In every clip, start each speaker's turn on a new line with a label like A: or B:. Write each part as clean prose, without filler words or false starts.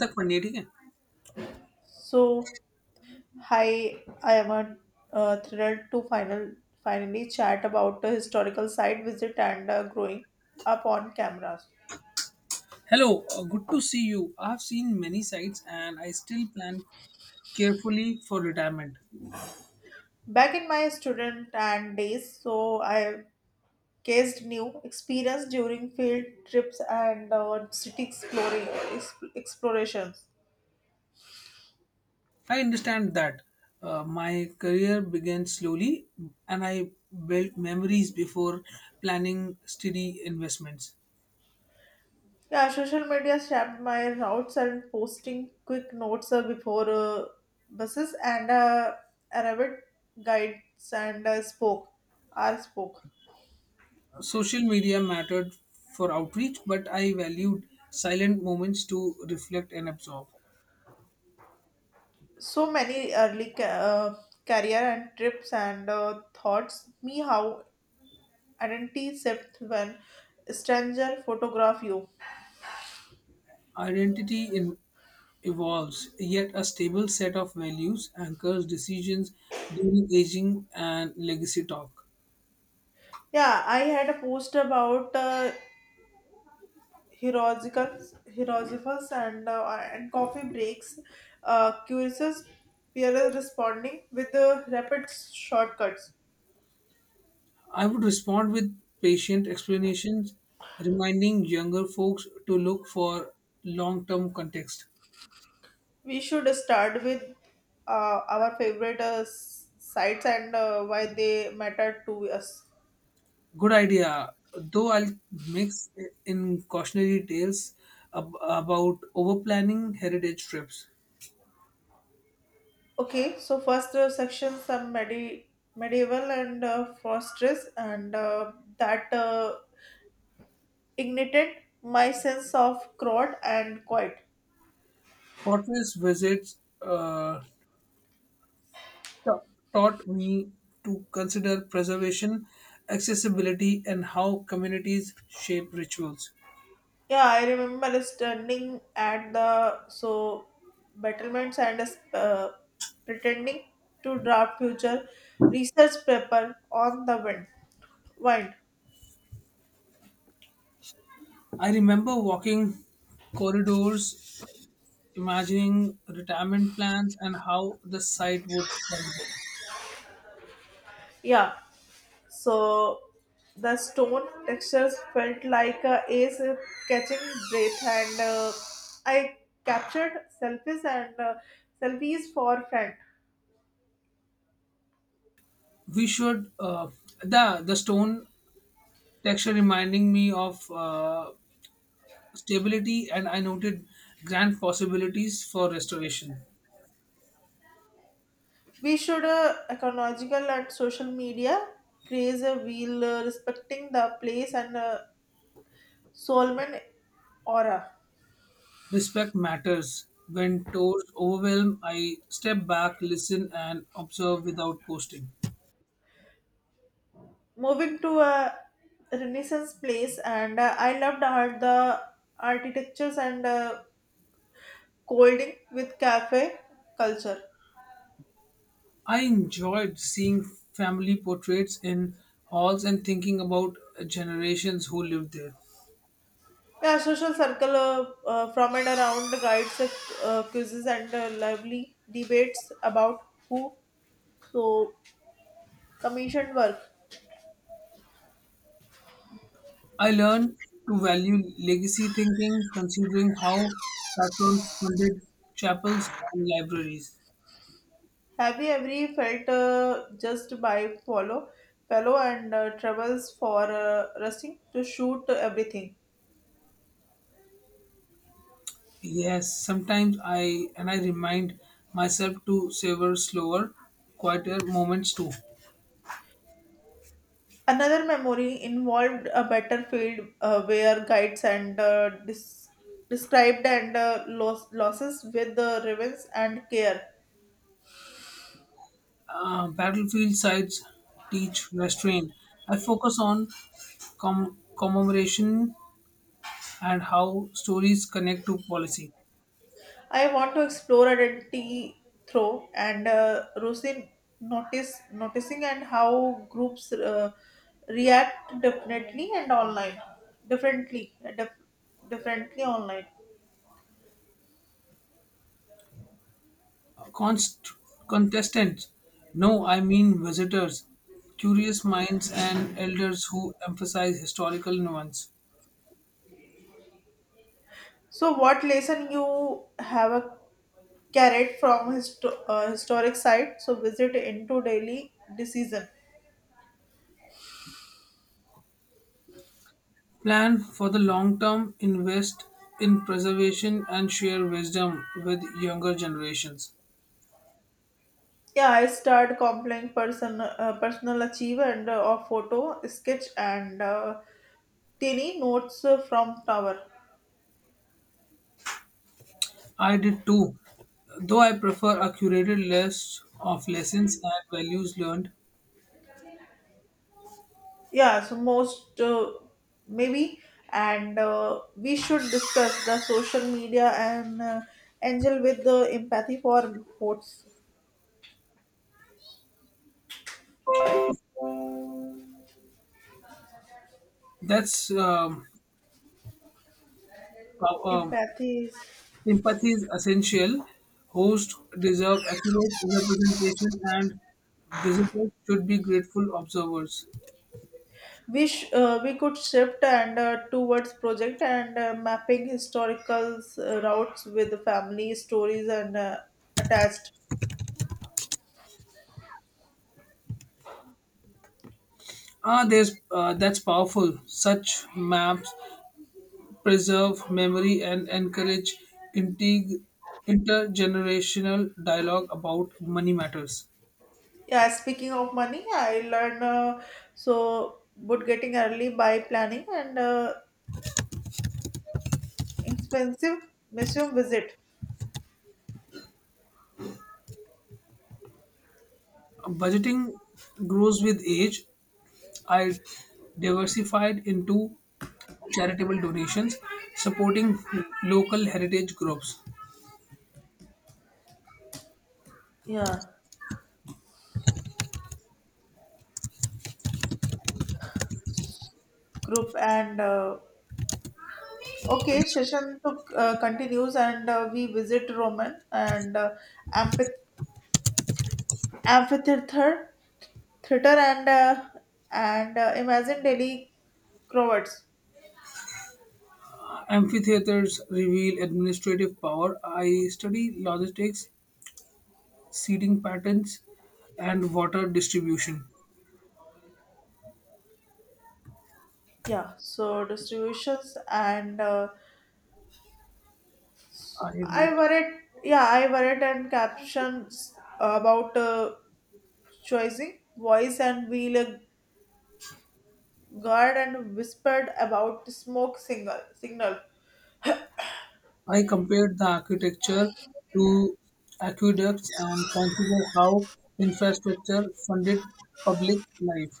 A: The Quandary.
B: So, hi, I am thrilled to finally chat about a historical site visit and growing up on cameras.
A: Hello, good to see you. I've seen many sites and I still plan carefully for retirement.
B: Back in my student and days, so I cased new experience during field trips and city exploring explorations.
A: I understand that my career began slowly and I built memories before planning steady investments.
B: Yeah, social media shaped my routes and posting quick notes before buses and arrived guides and spoke. R spoke.
A: Social media mattered for outreach, but I valued silent moments to reflect and absorb.
B: So many early career and trips and thoughts me how identity shift when stranger photograph you.
A: Identity in, evolves, yet a stable set of values anchors decisions during aging and legacy talk.
B: Yeah, I had a post about heroicals heroicals and coffee breaks, curious peers responding with rapid shortcuts.
A: I would respond with patient explanations, reminding younger folks to look for long term context.
B: We should start with our favorite sites and why they matter to us.
A: Good idea, though I'll mix in cautionary tales about over planning heritage trips.
B: Okay, so first section some medieval and fortress and that ignited my sense of crowd and quiet.
A: Fortress visits. Ta- Taught me to consider preservation, accessibility, and how communities shape rituals.
B: Yeah, I remember standing at the so battlements and uh, pretending to draft future research paper on the wind. Wind.
A: I remember walking corridors, imagining retirement plans and how the site would form.
B: Yeah, so the stone textures felt like ace catching breath, and I captured selfies and uh, selfies for friend.
A: We should The stone texture reminding me of stability, and I noted grand possibilities for restoration.
B: We should ecological and social media craze a wheel, respecting the place and Solomon aura.
A: Respect matters. When tours overwhelm, I step back, listen, and observe without posting.
B: Moving to a Renaissance place, and I loved art, the architectures and colding with cafe culture.
A: I enjoyed seeing family portraits in halls and thinking about generations who lived there.
B: Yeah, social circle from and around the guides, quizzes, and lively debates about who so commissioned work.
A: I learned to value legacy thinking, considering how patrons funded chapels and libraries.
B: Have you ever felt just by follow fellow and troubles for rusting to shoot everything?
A: Yes, sometimes I remind myself to savor slower, quieter moments too.
B: Another memory involved a battlefield where guides and described and losses with the ravens and care.
A: Battlefield sites teach restraint. I focus on commemoration and how stories connect to policy.
B: I want to explore identity through and Rosin notice noticing and how groups react definitely and online differently dif- differently online.
A: Const- Contestants, no, I mean visitors, curious minds, and elders who emphasize historical nuance.
B: So what lesson you have a carried from historic site? So visit into daily decision.
A: Plan for the long term, invest in preservation, and share wisdom with younger generations.
B: Yeah, I start complying personal achievement of photo, sketch, and tiny notes from tower.
A: I did too, though I prefer a curated list of lessons and values learned.
B: Yeah, so most maybe, and we should discuss the social media and angel with the empathy for votes.
A: That's um, how, um,
B: Empathy is
A: Empathy is essential. Hosts deserve accurate representation, and visitors should be grateful observers.
B: we could shift and towards project and mapping historical routes with the family stories and attached.
A: Ah, there's that's powerful. Such maps preserve memory and encourage integ- intergenerational dialogue about money matters.
B: Yeah, speaking of money, I learn so would getting early by planning and expensive museum visit.
A: Budgeting grows with age, I diversified into charitable donations, supporting local heritage groups.
B: Yeah, group and okay, session took continues and we visit Roman and amphith- amphitheater theater and imagine Delhi crowds.
A: Amphitheaters reveal administrative power. I study logistics, seating patterns, and water distribution.
B: Yeah, so distributions and.
A: I
B: I
A: wrote.
B: worried, yeah, I worried and captions about choosing voice and wheel guard and whispered about smoke signal. Signal.
A: I compared the architecture to aqueducts and considered how infrastructure funded public life.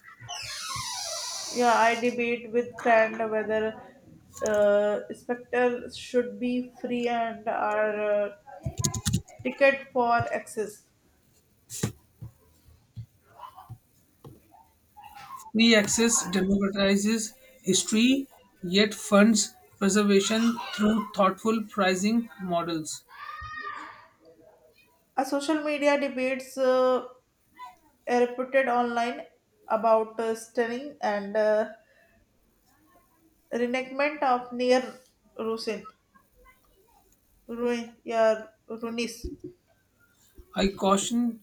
B: Yeah, I debate with friend whether spectre should be free and are ticket for access.
A: Free access democratizes history, yet funds preservation through thoughtful pricing models.
B: A social media debates reported online about stunning and reenactment of near Rusin. Yeah, Runis.
A: I caution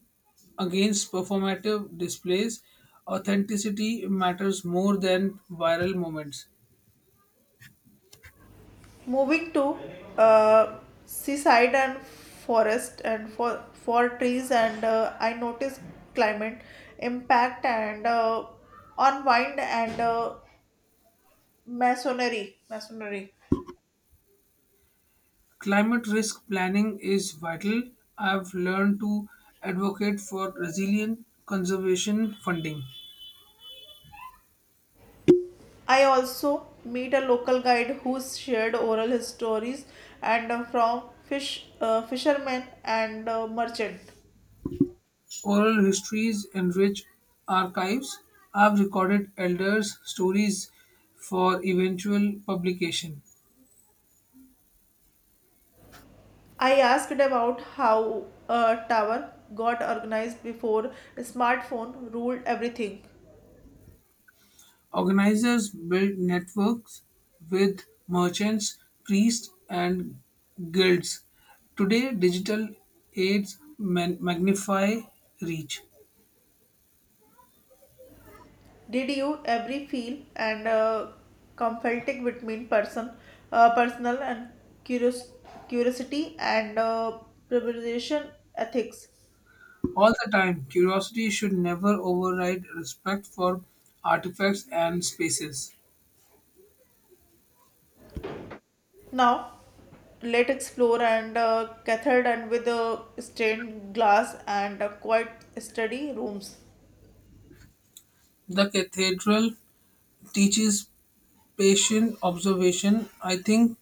A: against performative displays. Authenticity matters more than viral moments.
B: Moving to uh, seaside and forest and for trees and I noticed climate impact and on wine and masonry. Masonry.
A: Climate risk planning is vital. I've learned to advocate for resilient conservation funding.
B: I also meet a local guide who shared oral histories and from fishermen and merchant.
A: Oral histories enrich rich archives have recorded elders' stories for eventual publication.
B: I asked about how a tower got organized before smartphone ruled everything.
A: Organizers build networks with merchants, priests, and guilds. Today, digital aids magnify reach.
B: Did you every feel and conflicting between personal and curious, curiosity and preparation ethics?
A: All the time, curiosity should never override respect for artifacts and spaces.
B: Now, let explore and cathode and with a stained glass and quiet study rooms.
A: The cathedral teaches patient observation, I think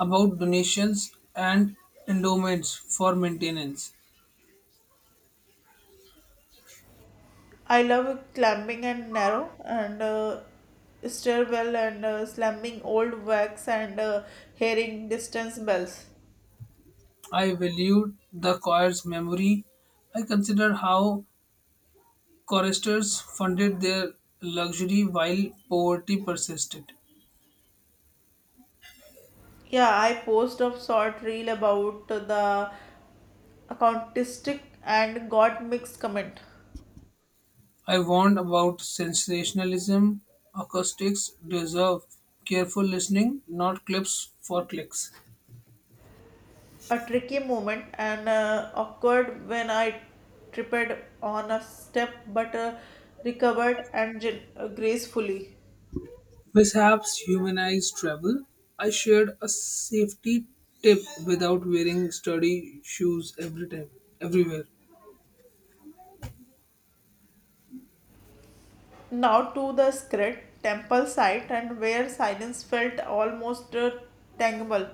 A: about donations and endowments for maintenance.
B: I love climbing and narrow and stairwell and slamming old wax and hearing distance bells.
A: I valued the choir's memory. I considered how choristers funded their luxury while poverty persisted.
B: Yeah, I post a short reel about the accountistic and got mixed comment.
A: I warned about sensationalism. Acoustics deserve careful listening, not clips for clicks.
B: A tricky moment and awkward when I tripped on a step but recovered and gracefully.
A: Mishaps humanize travel. I shared a safety tip without wearing sturdy shoes every time, everywhere.
B: Now to the script temple site and where silence felt almost tangible.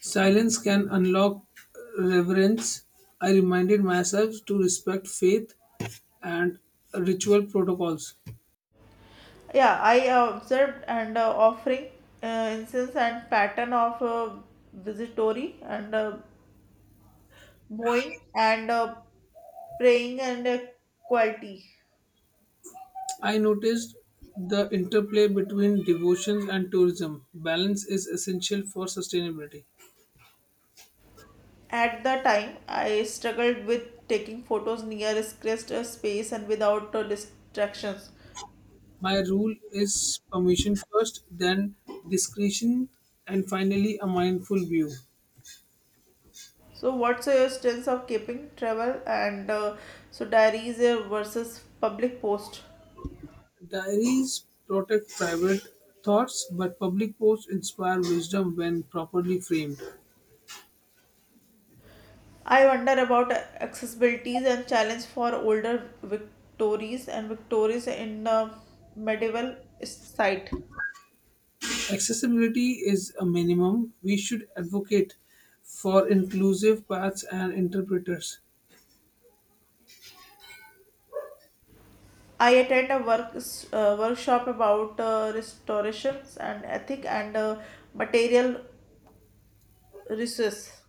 A: Silence can unlock reverence. I reminded myself to respect faith and ritual protocols.
B: Yeah, I observed and offering incense and pattern of visitory and bowing and praying and quality.
A: I noticed the interplay between devotion and tourism. Balance is essential for sustainability.
B: At the time, I struggled with taking photos near scarce space and without distractions.
A: My rule is permission first, then discretion, and finally a mindful view.
B: So, what's your stance of keeping travel and so diaries versus public post?
A: Diaries protect private thoughts, but public posts inspire wisdom when properly framed.
B: I wonder about accessibilities and challenge for older Victories and Victories in the medieval site.
A: Accessibility is a minimum. We should advocate for inclusive paths and interpreters.
B: I attend a workshop about restorations and ethic and material resources.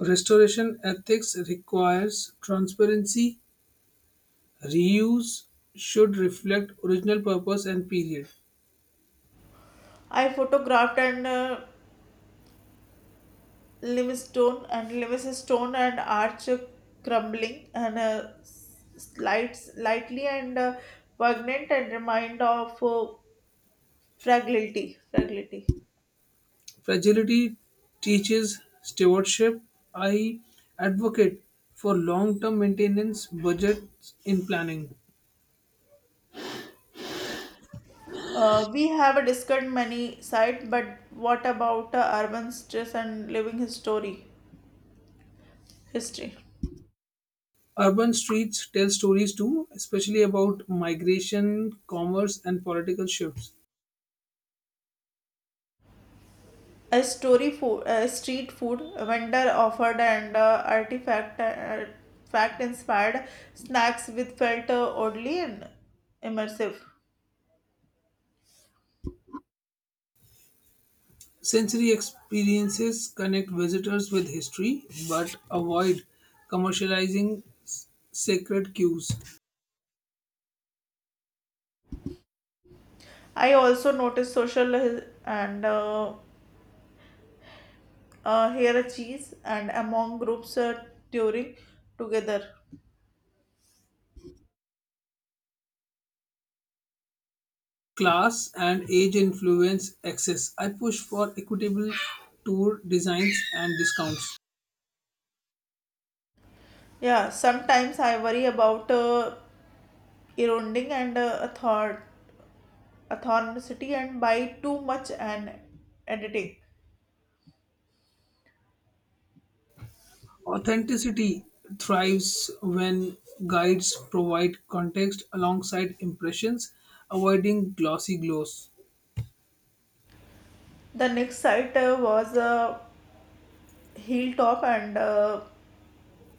A: Restoration ethics requires transparency. Reuse should reflect original purpose and period.
B: I photographed and limestone and limestone and arch crumbling and slides lightly and pregnant and remind of fragility fragility.
A: Fragility teaches stewardship. I advocate for long term maintenance budgets in planning.
B: Uh, we have discussed many sites but what about urban stress and living history history.
A: Urban streets tell stories too, especially about migration, commerce, and political shifts.
B: A story food a street food vendor offered and artifact fact inspired snacks with felt oddly and immersive.
A: Sensory experiences connect visitors with history but avoid commercializing sacred cues.
B: I also noticed social hi- and hierarchies and among groups during together.
A: Class and age influence access. I push for equitable tour designs and discounts.
B: Yeah, sometimes I worry about eroding and authenticity and by too much and editing.
A: Authenticity thrives when guides provide context alongside impressions, avoiding glossy gloss.
B: The next site was Hilltop and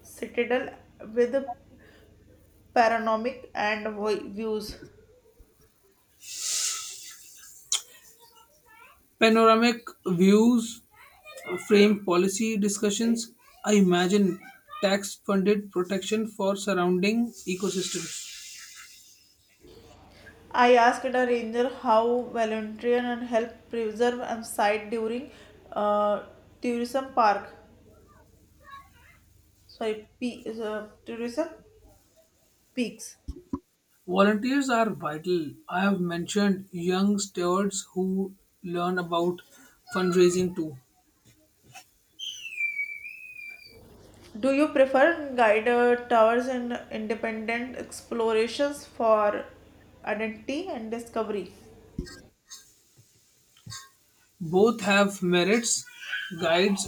B: Citadel with panoramic and views.
A: Panoramic views frame policy discussions. I imagine tax funded protection for surrounding ecosystems.
B: I asked a ranger how volunteer and help preserve a site during uh, tourism park. Sorry, tourism peaks.
A: Volunteers are vital. I have mentioned young stewards who learn about fundraising too.
B: Do you prefer guided tours and independent explorations for identity and discovery?
A: Both have merits. Guides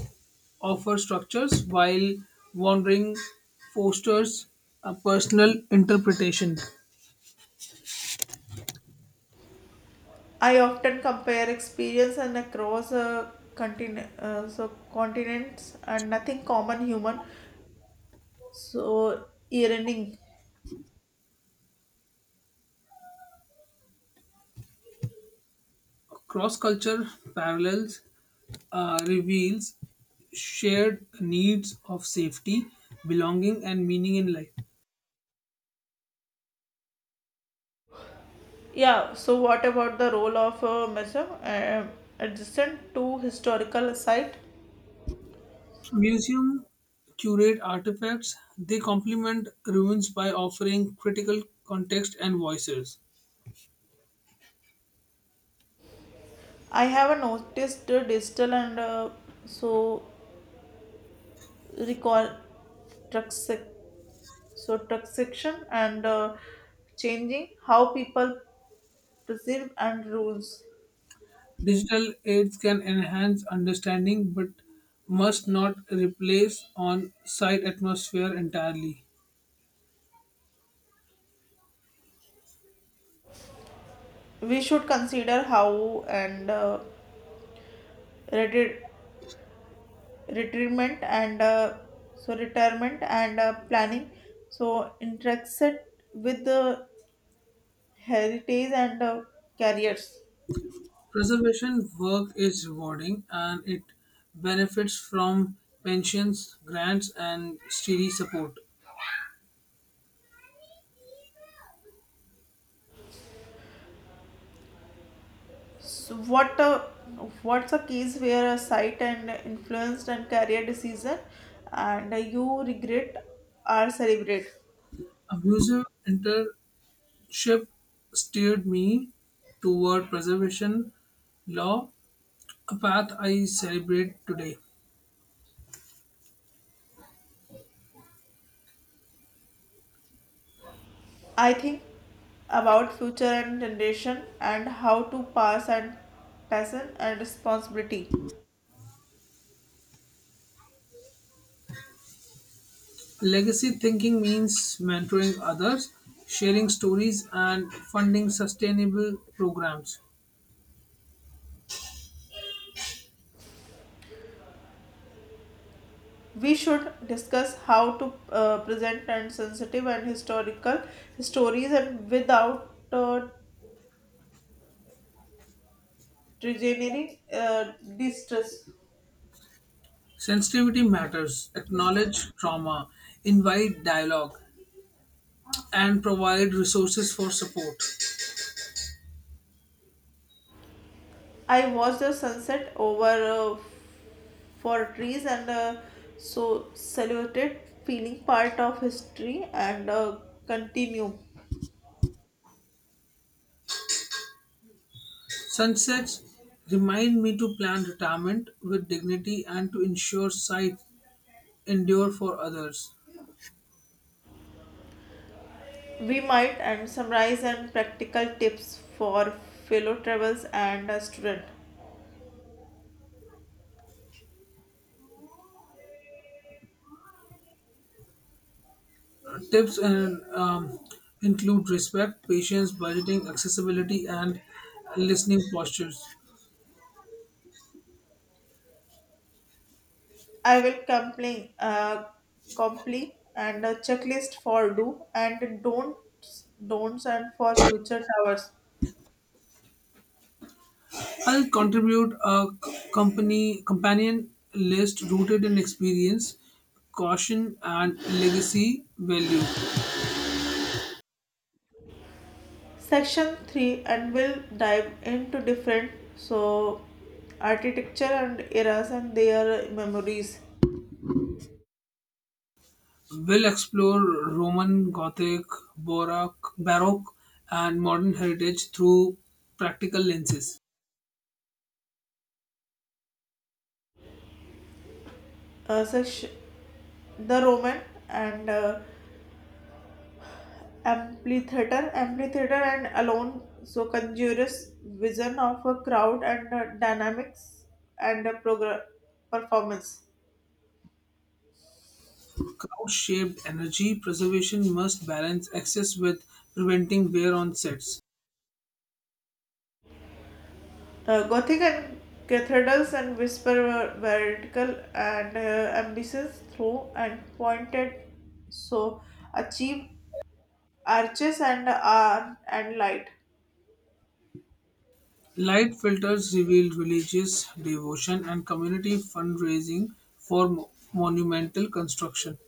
A: offer structures while wandering fosters a personal interpretation.
B: I often compare experience and across continents and nothing common human. So, yearning.
A: Cross culture parallels reveals shared needs of safety, belonging, and meaning in life.
B: Yeah, so what about the role of a museum adjacent to historical site?
A: Museum curate artifacts, they complement ruins by offering critical context and voices.
B: I have noticed the digital and so recall truxic so section and changing how people perceive and rules.
A: Digital aids can enhance understanding but must not replace on site atmosphere entirely.
B: We should consider how and reti- retirement and retirement and planning so intersect with the heritage and careers.
A: Preservation work is rewarding and it benefits from pensions, grants, and steady support.
B: So what's a case where a site and influenced and career decision and you regret or celebrate?
A: A museum internship steered me toward preservation law, a path I celebrate today.
B: I think about future and generation and how to pass and passion and responsibility.
A: Legacy thinking means mentoring others, sharing stories, and funding sustainable programs.
B: We should discuss how to present and sensitive and historical stories and without degenerating distress.
A: Sensitivity matters, acknowledge trauma, invite dialogue, and provide resources for support.
B: I watched the sunset over for trees and so saluted, feeling part of history and continue.
A: Sunsets remind me to plan retirement with dignity and to ensure sight endure for others.
B: We might and summarize and practical tips for fellow travels and student.
A: Tips in, um, Include respect, patience, budgeting, accessibility, and listening postures.
B: I will complete and a checklist for don'ts and for future travels.
A: I'll contribute a company companion list rooted in experience, caution, and legacy value.
B: Section 3 and we'll dive into different so architecture and eras and their memories.
A: We'll explore Roman, Gothic, Baroque, and modern heritage through practical lenses.
B: Such the roman and amphitheater and alone so conjures vision of a crowd and dynamics and performance.
A: Crowd shaped energy preservation must balance excess with preventing wear on sets.
B: Gothic and cathedrals and whisper were vertical and ambitious through and pointed so achieve arches and are and light.
A: Light filters revealed religious devotion and community fundraising for monumental construction.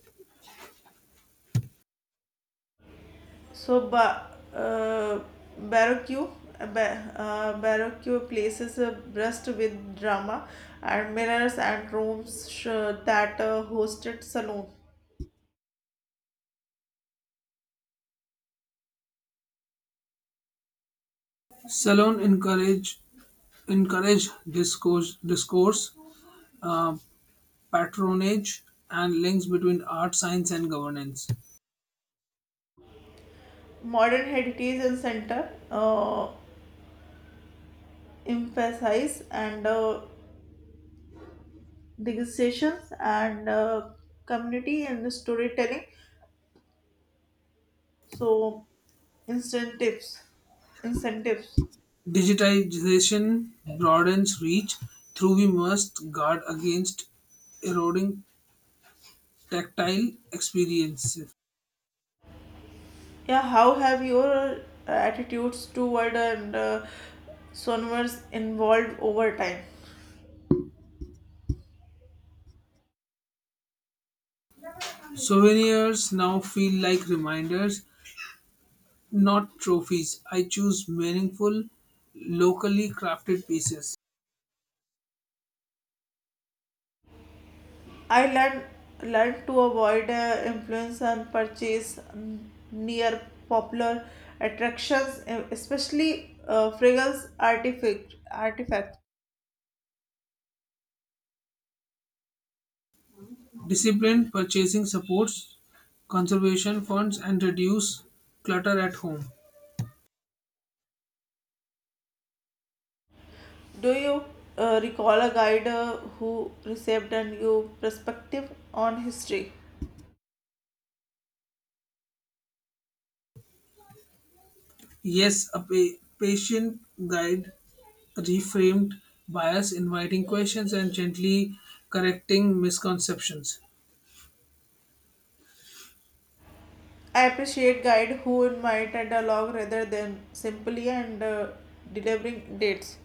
B: So Baroque Baroque places a breast with drama and mirrors and rooms that hosted saloon.
A: Salon encourage discourse, patronage, and links between art, science, and governance.
B: Modern heritage and center emphasize and degustations and community and storytelling. So incentives, incentives.
A: Digitization broadens reach, though we must guard against eroding tactile experiences.
B: Yeah, how have your attitudes toward and sonors evolved over time?
A: Souvenirs now feel like reminders. Not trophies. I choose meaningful, locally crafted pieces.
B: I learned to avoid influence and purchase near popular attractions, especially fragrance artifacts.
A: Disciplined purchasing supports conservation funds and reduce clutter at home.
B: Do you recall a guide who received a new perspective on history?
A: Yes, a patient guide reframed bias, inviting questions and gently correcting misconceptions.
B: I appreciate guide who invite a dialogue rather than simply and delivering dates.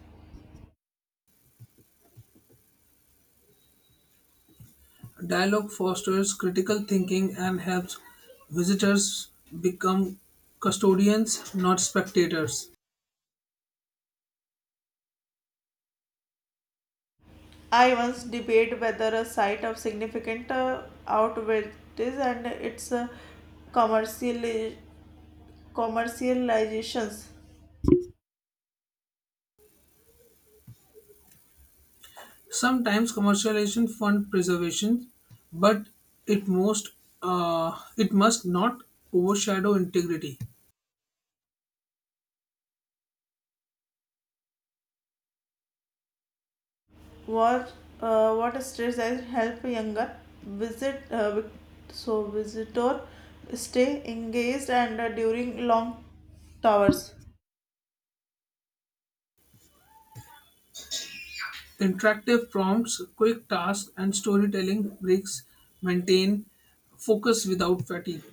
A: Dialogue fosters critical thinking and helps visitors become custodians, not spectators.
B: I once debate whether a site of significant outweighs and its commerciali- commercializations.
A: Sometimes commercialization fund preservation, but it most it must not overshadow integrity.
B: What what strategies help younger visitor stay engaged and during long towers.
A: Interactive prompts, quick tasks, and storytelling breaks maintain focus without fatigue.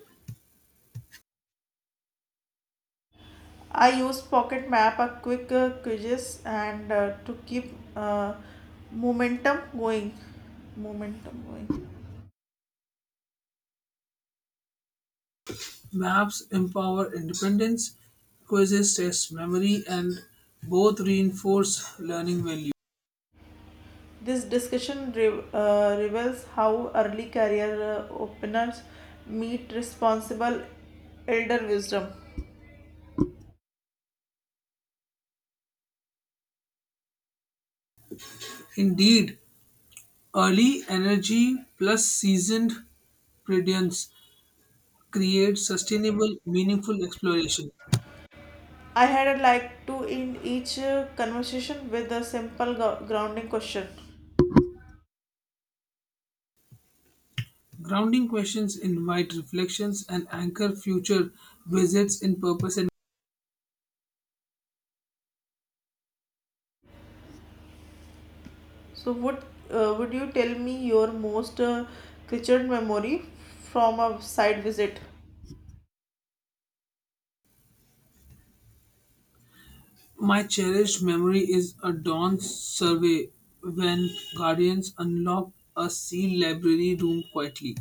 B: I use Pocket Map, a quick quizzes, and to keep momentum going. Momentum going.
A: Maps empower independence, quizzes test memory, and both reinforce learning value.
B: This discussion reveals how early career openers meet responsible elder wisdom.
A: Indeed, early energy plus seasoned prudence create sustainable, meaningful exploration.
B: I had a like to end each conversation with a simple grounding question.
A: Grounding questions invite reflections and anchor future visits in purpose. And
B: So, would you tell me your most treasured memory from a side visit?
A: my cherished memory is a dawn survey when guardians unlocked a sealed library room quietly.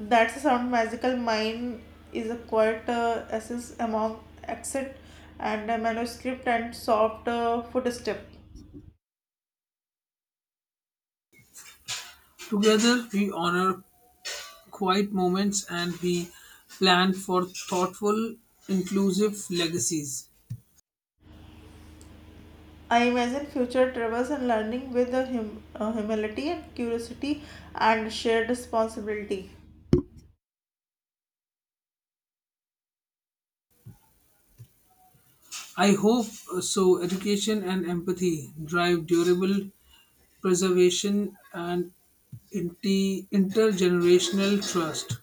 B: That's the sound magical mind is a quiet essence among accent and a manuscript and soft footstep.
A: Together, we honor quiet moments and we plan for thoughtful, inclusive legacies.
B: I imagine future travels and learning with a humility and curiosity and shared responsibility.
A: I hope so. Education and empathy drive durable preservation and intergenerational trust.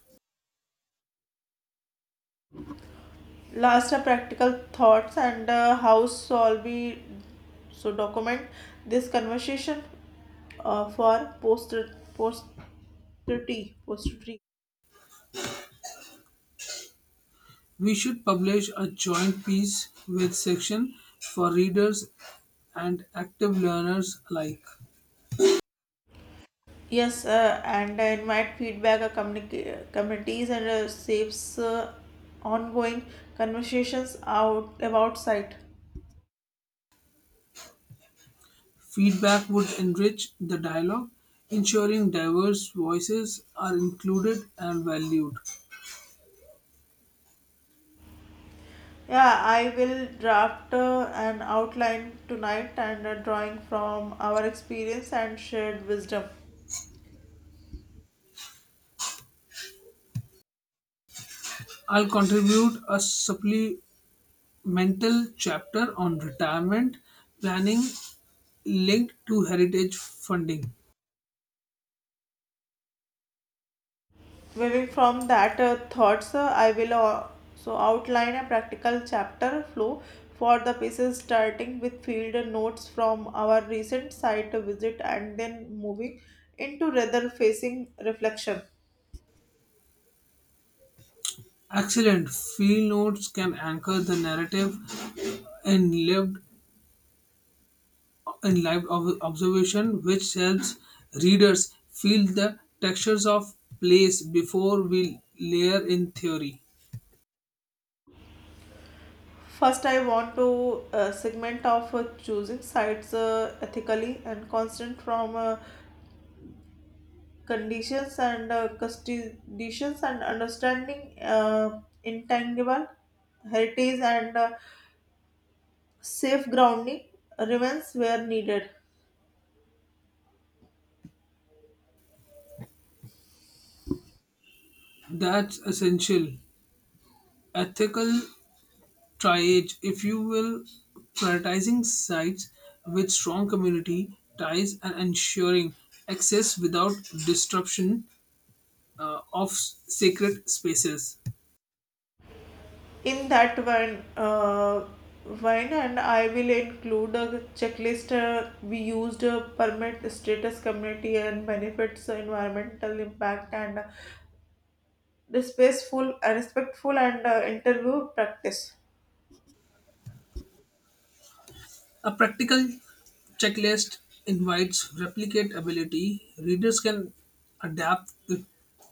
B: Last are practical thoughts and how shall we so document this conversation for posterity.
A: We should publish a joint piece with section for readers and active learners alike.
B: Yes, and I invite feedback communities and saves ongoing conversations out about site.
A: Feedback would enrich the dialogue, ensuring diverse voices are included and valued.
B: Yeah, I will draft an outline tonight and a drawing from our experience and shared wisdom.
A: I'll contribute a supplemental chapter on retirement planning linked to heritage funding.
B: Moving from that thoughts, I will also outline a practical chapter flow for the pieces, starting with field notes from our recent site visit and then moving into rather facing reflection.
A: Excellent. Field notes can anchor the narrative in lived in live observation which helps readers feel the textures of place before we layer in theory.
B: First, I want to segment of choosing sites ethically and constant from conditions and understanding intangible heritage and Safe grounding remains where needed.
A: That's essential. Ethical triage, if you will, prioritizing sites with strong community ties and ensuring access without disruption uh, of s- sacred spaces.
B: In that one and I will include a checklist we used permit status community and benefits environmental impact and respectful and interview practice.
A: A practical checklist invites replicatability. Readers can adapt it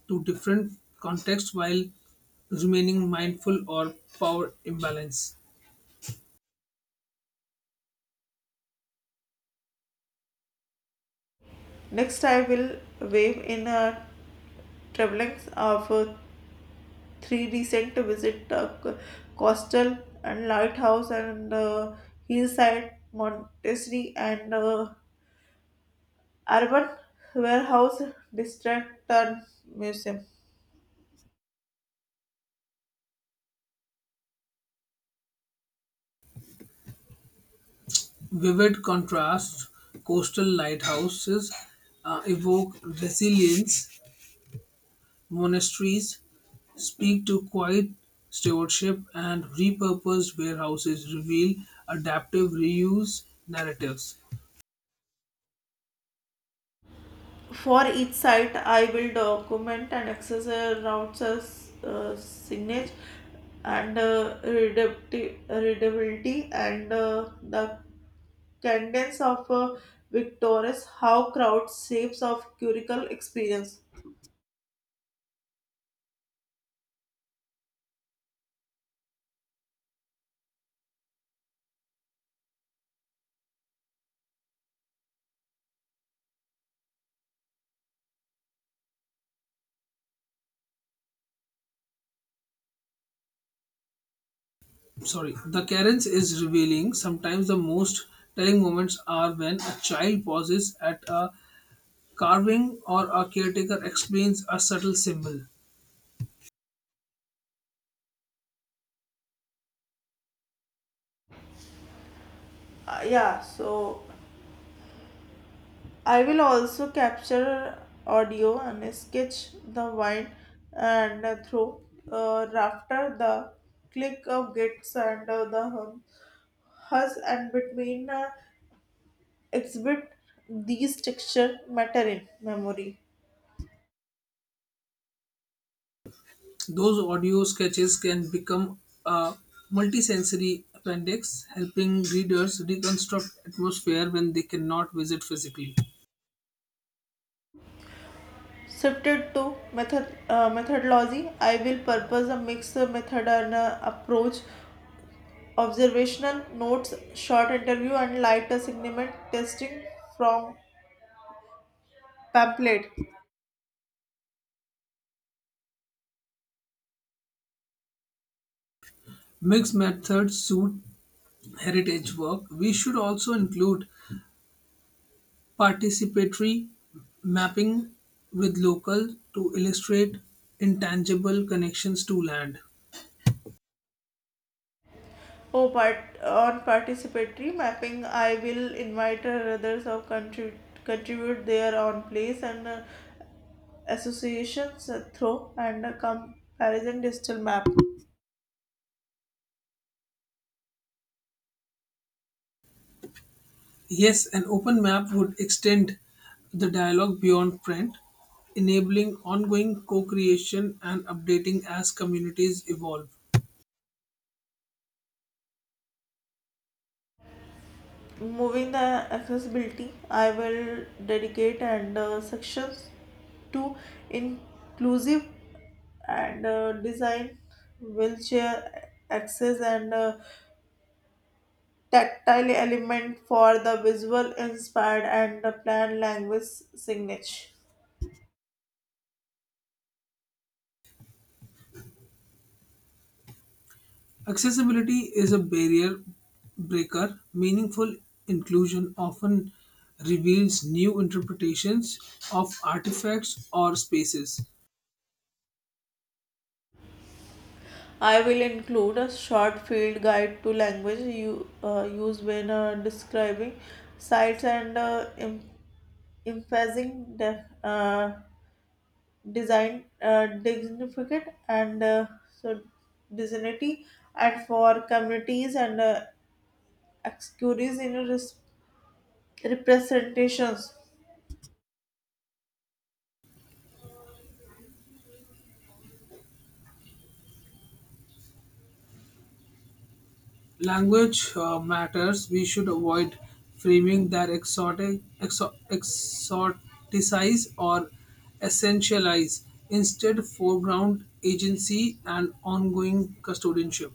A: to different contexts while remaining mindful or power imbalance.
B: Next, I will wave in travelings of three recent visit the coastal and lighthouse and hillside monastery and urban warehouse district and museum.
A: Vivid contrasts, coastal lighthouses evoke resilience, monasteries speak to quiet stewardship, and repurposed warehouses reveal adaptive reuse narratives.
B: For each site, I will document and accessor routes as signage and readability and the cadence of victorious how crowd shapes of curical experience.
A: Sorry, the carence is revealing, sometimes the most telling moments are when a child pauses at a carving or a caretaker explains a subtle symbol.
B: Uh, yeah so I will also capture audio and sketch the wind and through after the click of gates and the hush and between exhibit these texture matter in memory.
A: Those audio sketches can become a multisensory appendix helping readers reconstruct atmosphere when they cannot visit physically.
B: Shifted to methodology, I will purpose a mixed method and approach, observational notes, short interview, and lighter segment testing from pamphlet.
A: Mixed methods suit heritage work, we should also include participatory mapping with local to illustrate intangible connections to land.
B: Oh, part on participatory mapping, I will invite others of contribute their own place and associations through and a comparison digital map.
A: Yes, an open map would extend the dialogue beyond print, enabling ongoing co creation and updating as communities evolve.
B: Moving the accessibility, I will dedicate and sections to inclusive and design, wheelchair access and tactile element for the visual inspired and the planned language signage.
A: Accessibility is a barrier breaker. Meaningful inclusion often reveals new interpretations of artifacts or spaces.
B: I will include a short field guide to language you use when describing sites and emphasizing the design dignificant and so dignity and for communities and excurities in representations.
A: Language matters. We should avoid framing that exoticize or essentialize. Instead, foreground agency and ongoing custodianship.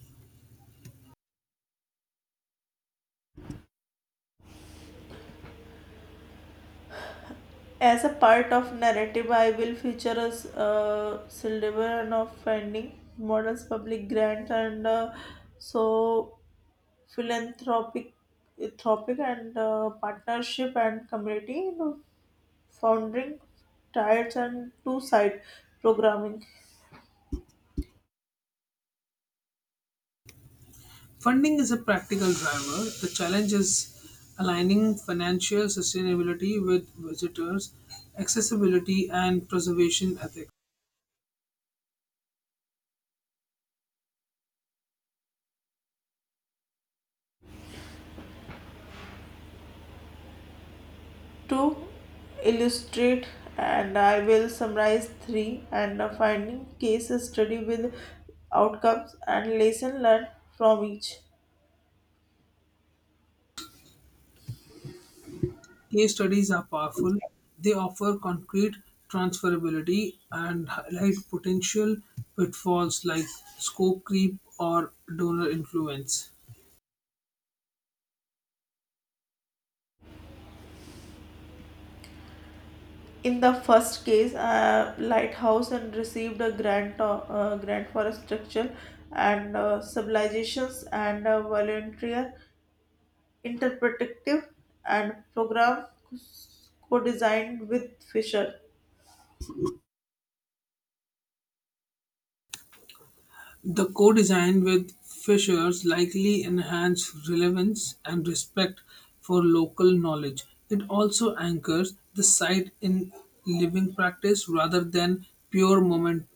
B: As a part of narrative, I will feature a celebration of finding models, public grants, and so philanthropic, philanthropic and partnership and community, founding tides and two side programming.
A: Funding is a practical driver. The challenge is aligning financial sustainability with visitors, accessibility, and preservation ethics.
B: To illustrate, and I will summarize three and finding case study with outcomes and lesson learned from each.
A: Case studies are powerful. They offer concrete transferability and highlight potential pitfalls like scope creep or donor influence.
B: In the first case, lighthouse and received a grant grant for a structure and civilizations and a volunteer interpretative and program co-designed with Fisher.
A: The co design with Fishers likely enhance relevance and respect for local knowledge. It also anchors the site in living practice rather than pure momentality,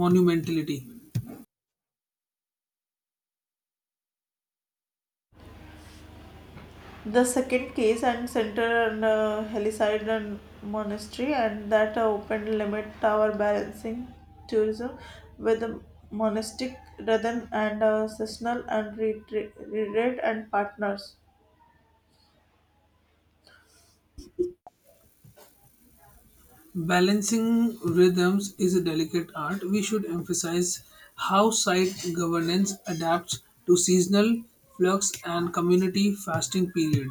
A: monumentality.
B: The second case and center and Heliside and monastery and that open limit tower balancing tourism with the monastic rhythm and seasonal and retreat and partners.
A: Balancing rhythms is a delicate art. We should emphasize how site governance adapts to seasonal flux and community fasting period.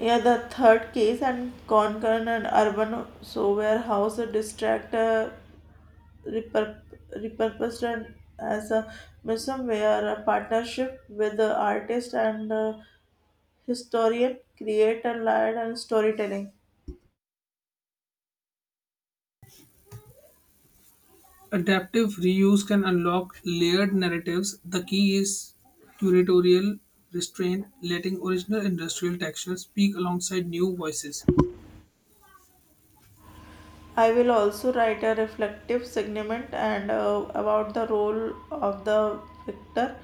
B: Yeah, the third case and Concurrent and Urban So Warehouse distract repurp- repurposed and as a museum where a partnership with the artist and historian create a light and storytelling.
A: Adaptive reuse can unlock layered narratives. The key is curatorial restraint, letting original industrial textures speak alongside new voices.
B: I will also write a reflective segment and about the role of the victor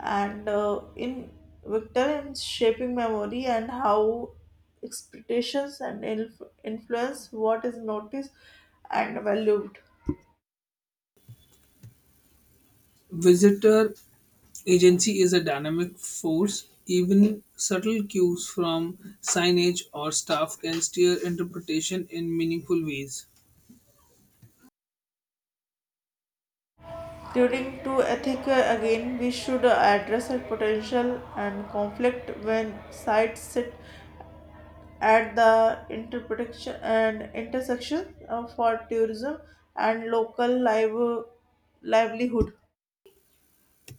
B: and in victor in shaping memory and how expectations and influence what is noticed and valued.
A: Visitor Agency is a dynamic force. Even subtle cues from signage or staff can steer interpretation in meaningful ways.
B: Turning to ethic again, we should address a potential and conflict when sides sit at the interpretation and intersection for tourism and local livelihood.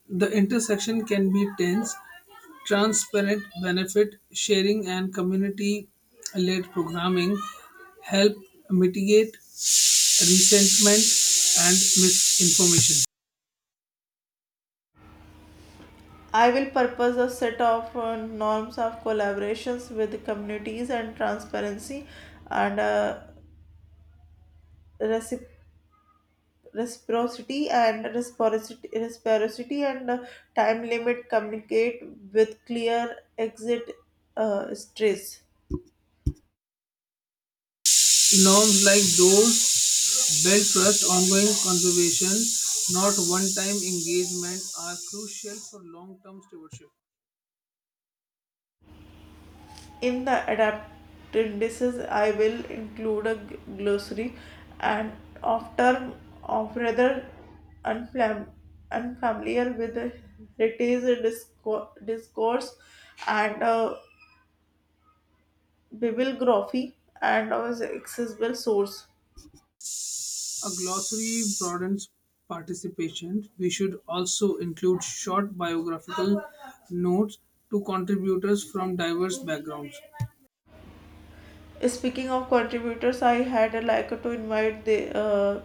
A: The intersection can be tense, transparent benefit sharing and community led programming help mitigate resentment and misinformation.
B: I will purpose a set of norms of collaborations with the communities and transparency and recip- reciprocity and time limit communicate with clear exit stress.
A: Norms like those build trust, ongoing conservation, not one time engagement, are crucial for long term stewardship.
B: In the appendices, I will include a glossary and of term of rather unfam- unfamiliar with the heritage discourse and bibliography and of accessible source.
A: A glossary broadens participation. We should also include short biographical notes to contributors from diverse backgrounds.
B: Speaking of contributors, I had a like to invite the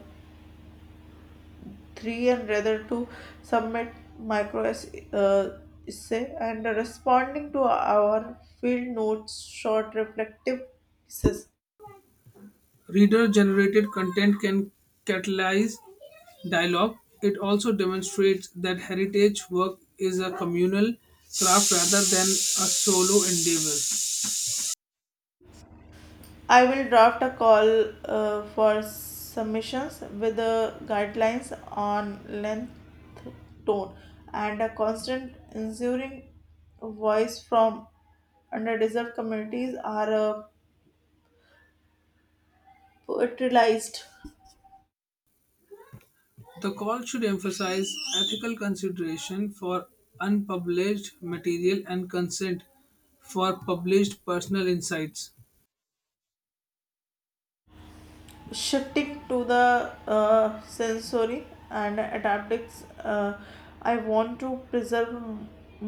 B: 3 and rather to submit micro ess- uh, essay and responding to our field notes short reflective pieces.
A: Reader generated content can catalyze dialogue. It also demonstrates that heritage work is a communal craft rather than a solo endeavor.
B: I will draft a call for submissions with the guidelines on length, tone, and a constant ensuring voice from underdeserved communities are poetryized.
A: The call should emphasize ethical consideration for unpublished material and consent for published personal insights.
B: Shifting to the sensory and adaptics, I want to preserve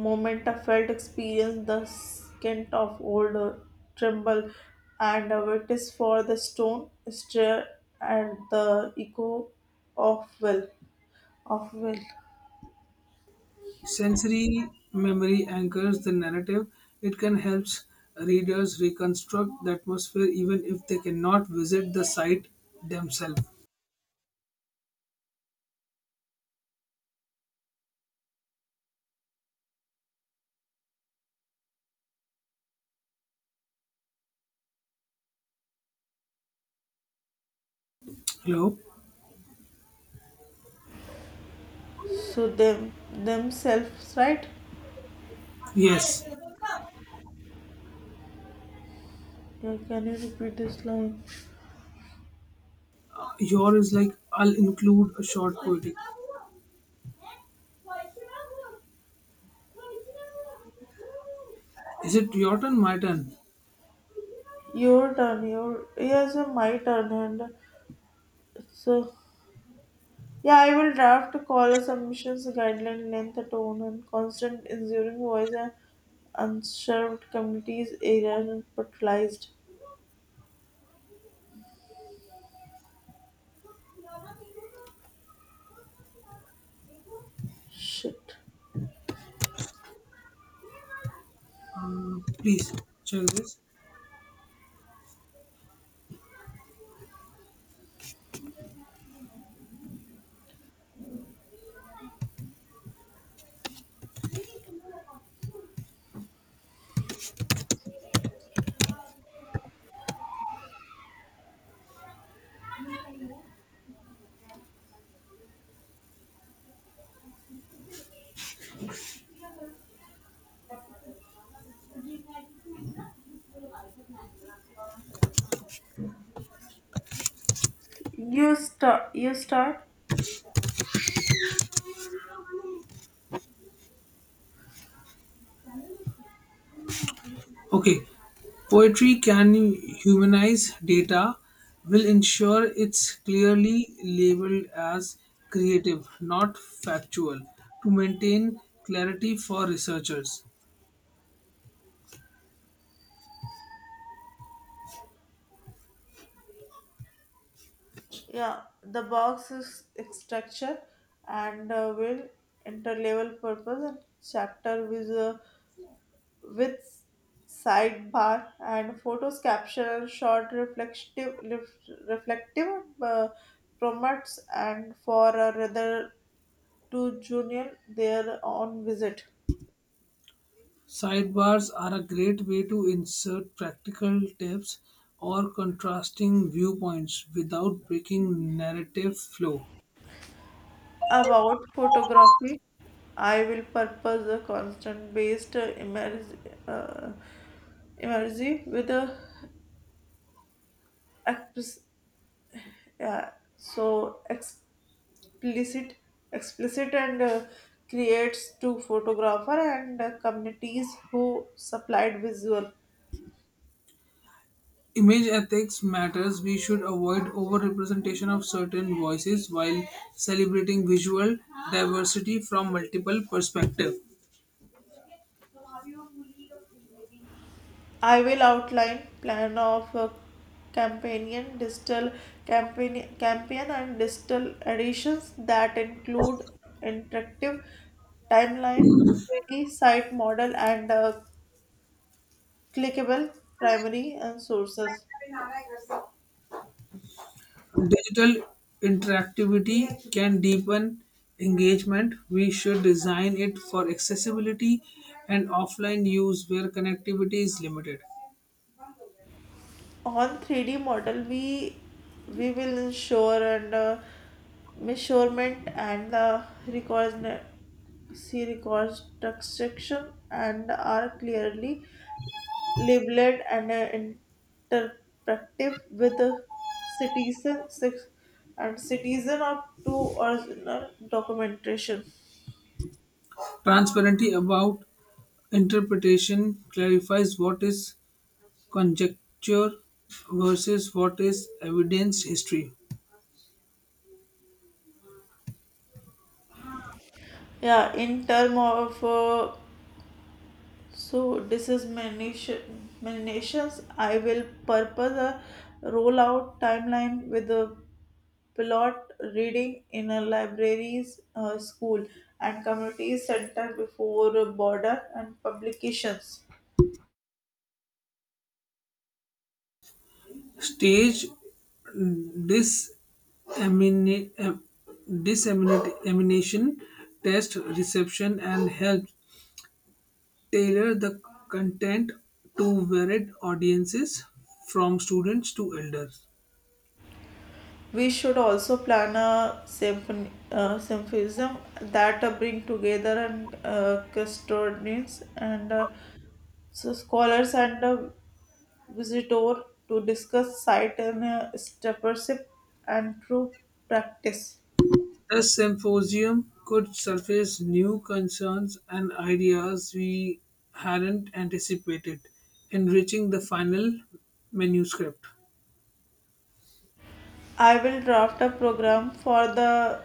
B: moment of felt experience, the scent of old tremble and a witness for the stone stir and the echo of will of will.
A: Sensory memory anchors the narrative. It can help readers reconstruct the atmosphere even if they cannot visit the site themselves. Hello?
B: So them themselves, right?
A: Yes.
B: Yeah, can you repeat this line?
A: Yours is like, I'll include a short poetic. Is it your turn? My turn.
B: Your turn. Your, yes, my turn and so Yeah, I will draft a call, a submissions guideline, length, tone, and constant ensuring voice and unserved communities error and fertilized. Shit.
A: Please check this.
B: You start. You start.
A: Okay, poetry can humanize data, will ensure it's clearly labeled as creative, not factual, to maintain clarity for researchers.
B: Yeah, the box is structure and will interlevel purpose and chapter with a with sidebar and photos capture short reflective promotes and for a rather to Junior their own visit.
A: Sidebars are a great way to insert practical tips or contrasting viewpoints without breaking narrative flow.
B: About photography, I will purpose a constant based uh, immersive with a expres- yeah, so explicit explicit and creates to photographer and communities who supplied visual.
A: Image ethics matters. We should avoid overrepresentation of certain voices while celebrating visual diversity from multiple perspectives.
B: I will outline plan of companion digital campaign and digital additions that include interactive timeline, 3D site model, and clickable primary and sources.
A: Digital interactivity can deepen engagement. We should design it for accessibility and offline use where connectivity is limited.
B: On 3D model, we will ensure and measurement and the records see records construction and are clearly labeled and interactive with the citizen six and citizen of two original documentation.
A: Transparency about interpretation clarifies what is conjecture versus what is evidenced history.
B: Yeah, in term of so this is Manish's, I will purpose a rollout timeline with a pilot reading in a libraries, school, and community center before a border and publications.
A: Stage disemini- em- dissemination test reception and help tailor the content to varied audiences from students to elders.
B: We should also plan a symphysm that bring together and custodians and scholars and visitor to discuss site and stewardship and true practice.
A: The symposium could surface new concerns and ideas we hadn't anticipated, enriching the final manuscript.
B: I will draft a program for the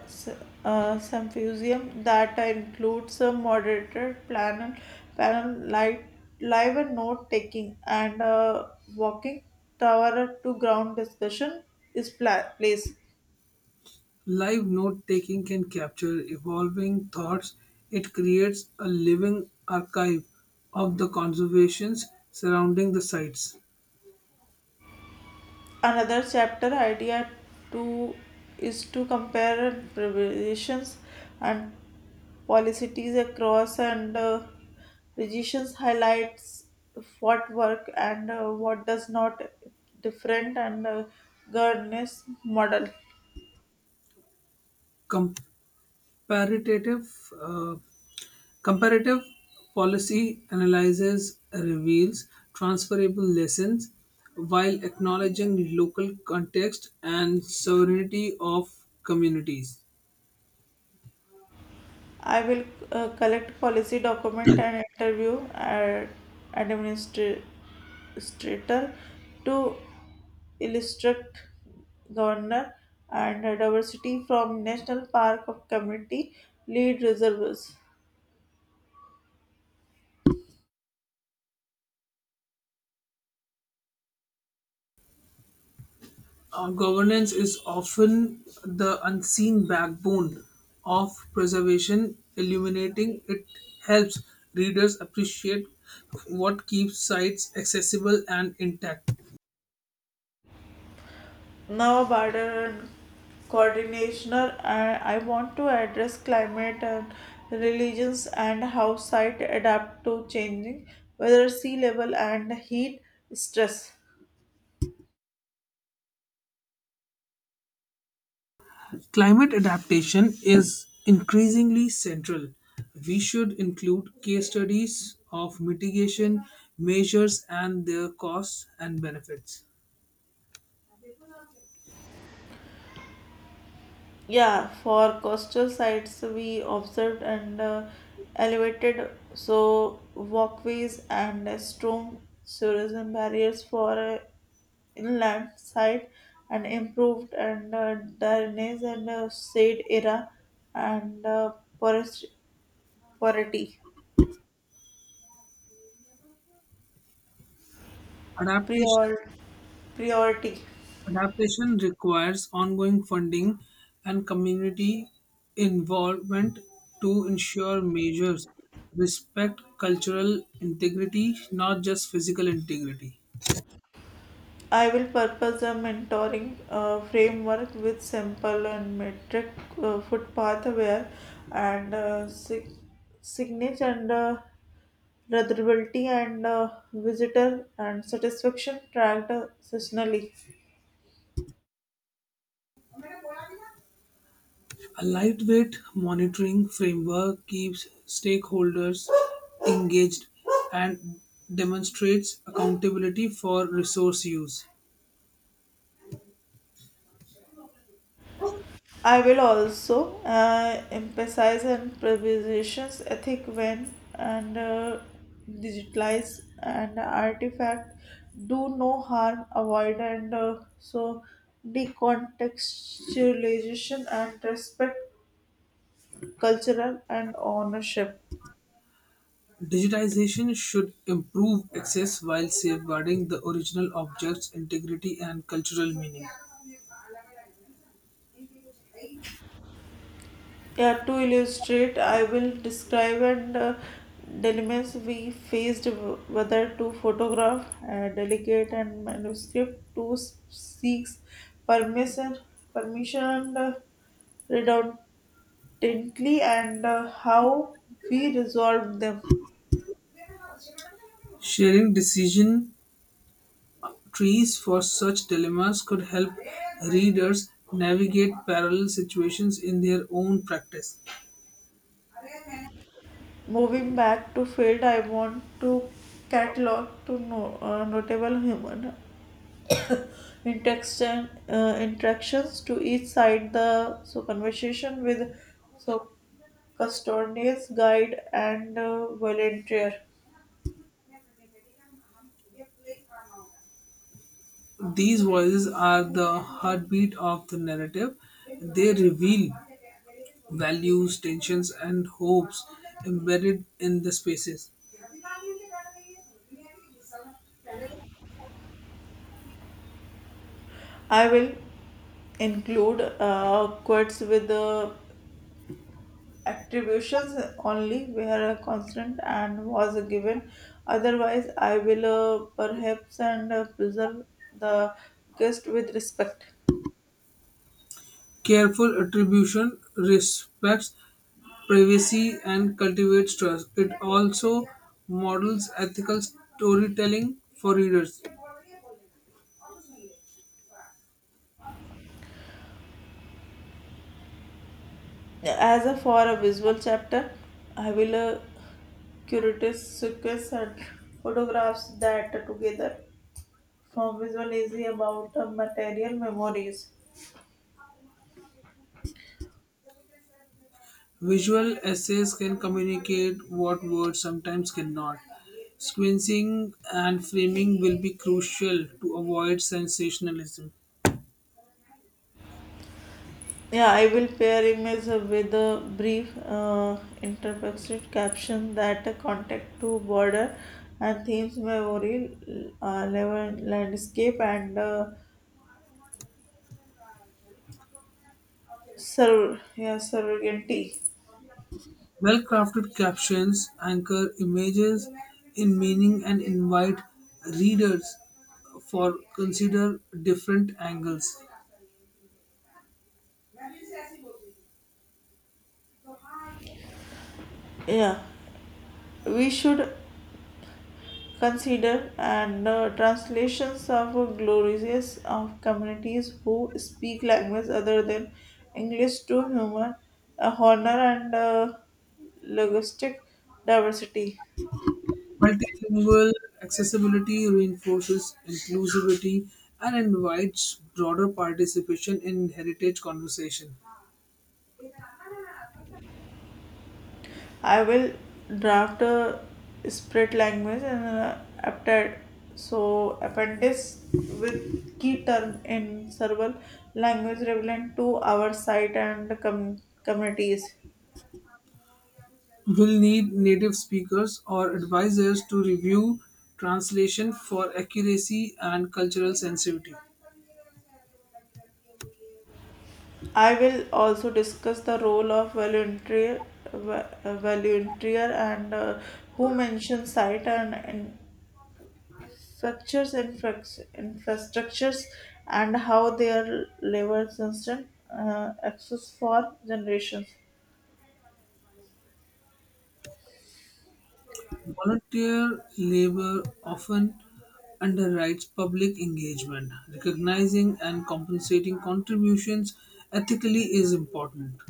B: symposium that includes a moderator, panel, live and note taking, and a walking tower to ground discussion is place.
A: Live note taking can capture evolving thoughts. It creates a living archive of the conservations surrounding the sites.
B: Another chapter idea two is to compare preparations and policies across and regions highlights what work and what does not different and governance model.
A: Comparative, uh, comparative policy analysis reveals transferable lessons while acknowledging local context and sovereignty of communities.
B: I will collect policy document and interview an administrator to illustrate governor and diversity from National Park of Community Lead Reserves.
A: Governance is often the unseen backbone of preservation. Illuminating it helps readers appreciate what keeps sites accessible and intact.
B: Now, border coordinator, I want to address climate and religions and how site adapt to changing weather, sea level, and heat stress.
A: Climate adaptation is increasingly central. We should include case studies of mitigation measures and their costs and benefits.
B: Yeah, for coastal sites we observed and elevated so walkways and strong tourism barriers for inland side and improved and drainage and shade era and forest- priority
A: Adaptation
B: prior- priority.
A: Adaptation requires ongoing funding and community involvement to ensure measures respect cultural integrity, not just physical integrity.
B: I will purpose a mentoring framework with simple and metric footpath aware and signage and ratherability and visitor and satisfaction tracked seasonally.
A: A lightweight monitoring framework keeps stakeholders engaged and demonstrates accountability for resource use.
B: I will also emphasize on preservation's ethic when and digitalize and artifact, do no harm, avoid and decontextualization and respect cultural and ownership.
A: Digitization should improve access while safeguarding the original object's integrity and cultural meaning.
B: Yeah, to illustrate, I will describe and dilemmas we faced whether to photograph, delegate and manuscript to seeks permission, permission and redundantly and how we resolved them.
A: Sharing decision trees for such dilemmas could help readers navigate parallel situations in their own practice.
B: Moving back to field, I want to catalog to no, notable human interactions to each side the so conversation with so custodians guide and volunteer.
A: These voices are the heartbeat of the narrative. They reveal values, tensions, and hopes embedded in the spaces.
B: I will include quotes with the attributions only where a constant and was given, otherwise I will perhaps and preserve the guest with respect.
A: Careful attribution respects privacy and cultivates trust. It also models ethical storytelling for readers.
B: As a for a visual chapter, I will curate sequence and photographs that together from visual is about material memories.
A: Visual essays can communicate what words sometimes cannot. Sequencing and framing will be crucial to avoid sensationalism.
B: Yeah, I will pair image with a brief interpretive caption that contact to border and themes memory, level landscape and sur- yeah, surrogacy.
A: Well crafted captions anchor images in meaning and invite readers for consider different angles.
B: Yeah, we should consider and translations of glorious of communities who speak language other than English to human honor and linguistic diversity.
A: Multilingual accessibility reinforces inclusivity and invites broader participation in heritage conversation.
B: I will draft a spread language and appendix with key term in several language relevant to our site and communities.
A: Will need native speakers or advisors to review translation for accuracy and cultural sensitivity.
B: I will also discuss the role of volunteer and who mentions site and, infrastructures, structures, infrastructures, and how they are levels instant access for generations.
A: Volunteer labor often underwrites public engagement. Recognizing and compensating contributions ethically is important.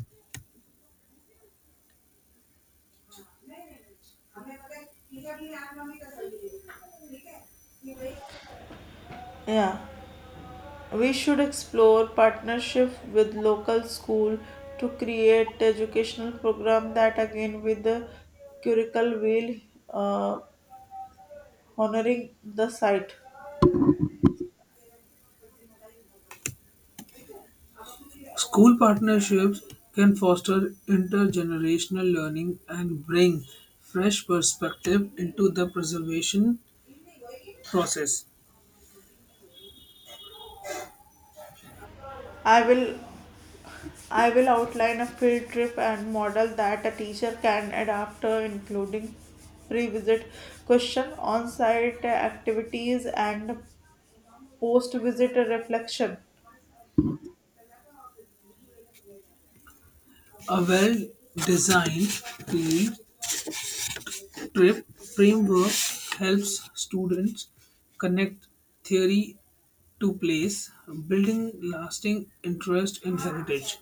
B: Yeah, we should explore partnership with local school to create educational program that again with the curricle will uh, honoring the site.
A: School partnerships can foster intergenerational learning and bring fresh perspective into the preservation process.
B: I will I will outline a field trip and model that a teacher can adapt, including pre-visit question, on-site activities, and post-visit reflection.
A: A well-designed field trip framework helps students connect theory to place, building lasting interest in heritage.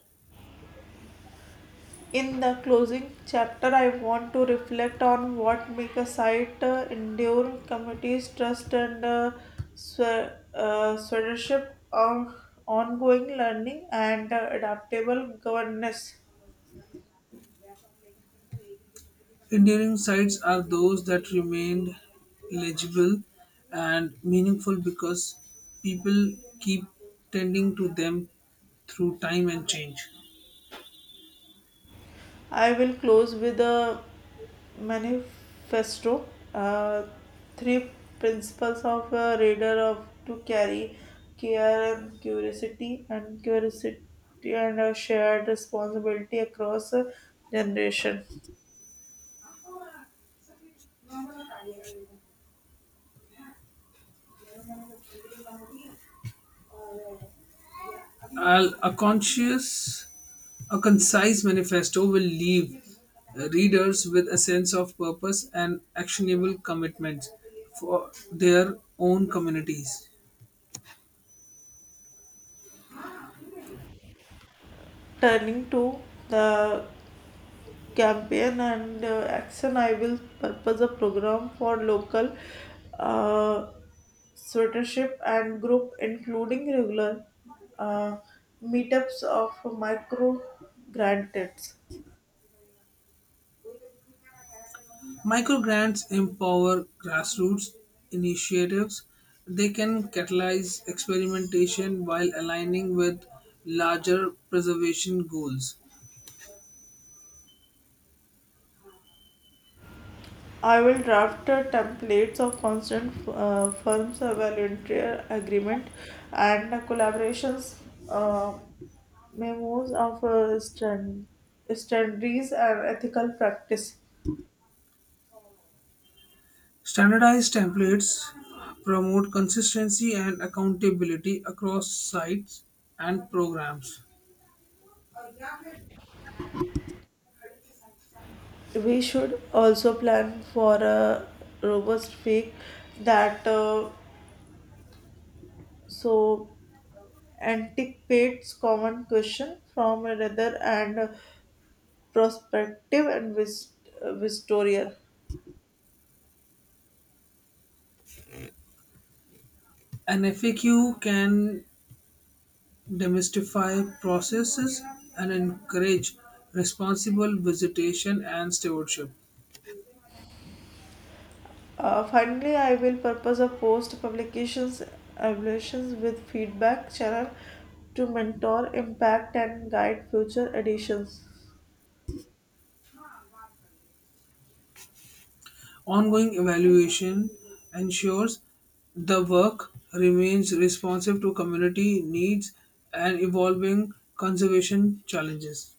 B: In the closing chapter, I want to reflect on what make a site endure, committees, trust, and stewardship of ongoing learning and adaptable governance.
A: Enduring sites are those that remain legible and meaningful because people keep tending to them through time and change.
B: I will close with a manifesto, uh, three principles of a reader of to carry care and curiosity and a shared responsibility across a generation.
A: Al- A conscious A concise manifesto will leave readers with a sense of purpose and actionable commitments for their own communities.
B: Turning to the campaign and action, I will purpose a program for local uh, sweatership and group, including regular uh, meetups of micro grantees.
A: Microgrants empower grassroots initiatives. They can catalyze experimentation while aligning with larger preservation goals.
B: I will draft templates of constant firms, volunteer agreement and collaborations, uh, memos of standards and ethical practice.
A: Standardized templates promote consistency and accountability across sites and programs.
B: We should also plan for a robust fake that so anticipates common question from a and prospective and historian.
A: An FAQ can demystify processes and encourage responsible visitation and stewardship.
B: Finally, I will purpose a post publications evaluations with feedback channel to mentor, impact, and guide future editions.
A: Ongoing evaluation ensures the work remains responsive to community needs and evolving conservation challenges.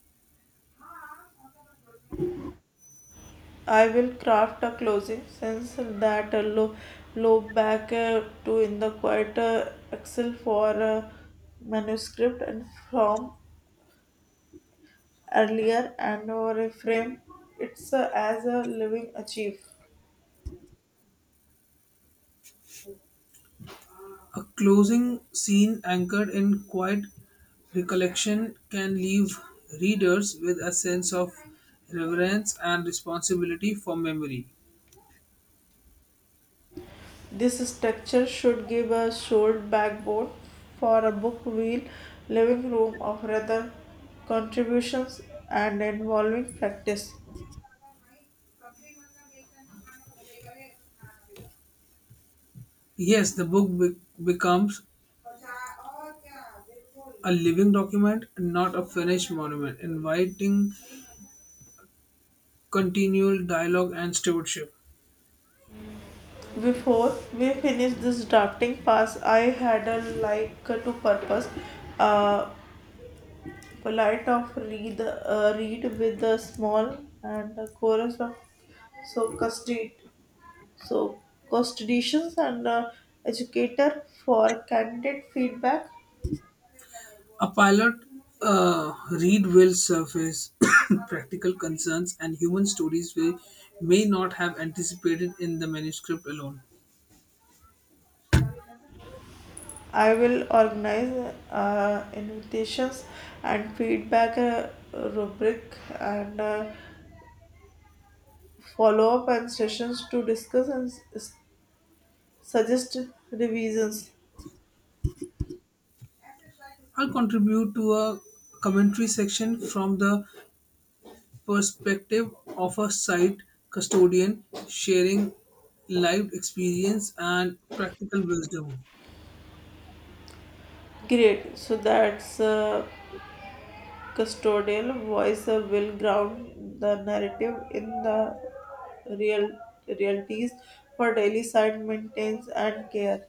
B: I will craft a closing sense that a low back to in the quiet excel for a manuscript and from earlier and or a frame. It's as a living achieve.
A: A closing scene anchored in quiet recollection can leave readers with a sense of reverence and responsibility for memory.
B: This structure should give a solid backbone for a book wheel living room of rather contributions and involving practice.
A: Yes, the book becomes a living document, not a finished monument, inviting continual dialogue and stewardship.
B: Before we finish this drafting pass, I had a like to purpose, uh, polite of read with a small and a chorus of so custody, so custodians and educator for candidate feedback.
A: A pilot read will surface practical concerns and human stories we may not have anticipated in the manuscript alone.
B: I will organize invitations and feedback rubric and follow up and sessions to discuss and suggest revisions.
A: I'll contribute to a commentary section from the perspective of a site custodian sharing lived experience and practical wisdom.
B: Great. So that's a custodial voice, will ground the narrative in the real realities for daily site maintenance and care.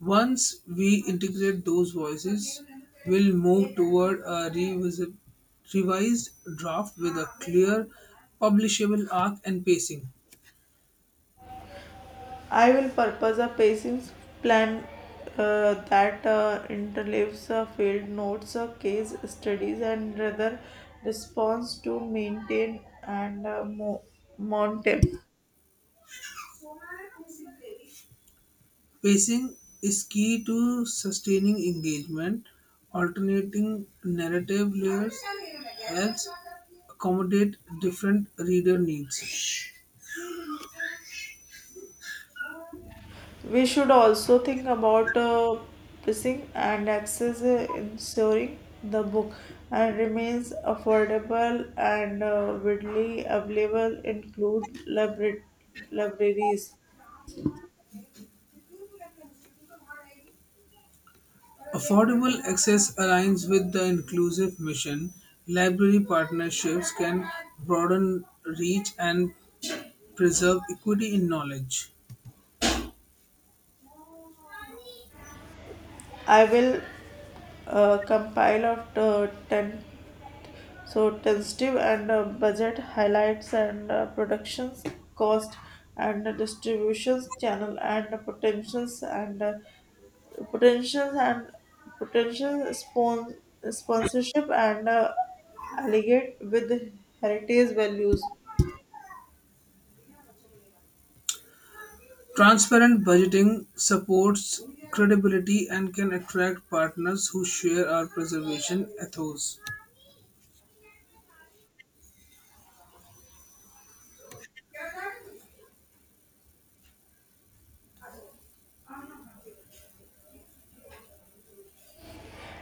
A: Once we integrate those voices, we'll move toward a revised draft with a clear publishable arc and pacing.
B: I will purpose a pacing plan that interleaves field notes, case studies, and rather response to maintain and monitor.
A: Pacing is key to sustaining engagement. Alternating narrative layers helps accommodate different reader needs.
B: We should also think about pricing and access, ensuring the book and remains affordable and widely available, include libraries.
A: Affordable access aligns with the inclusive mission. Library partnerships can broaden reach and preserve equity in knowledge.
B: I will compile of the 10 so tentative and budget highlights and productions cost and distributions channel and potentials and potential sponsorship and allegate with heritage values
A: Transparent budgeting supports credibility and can attract partners who share our preservation ethos.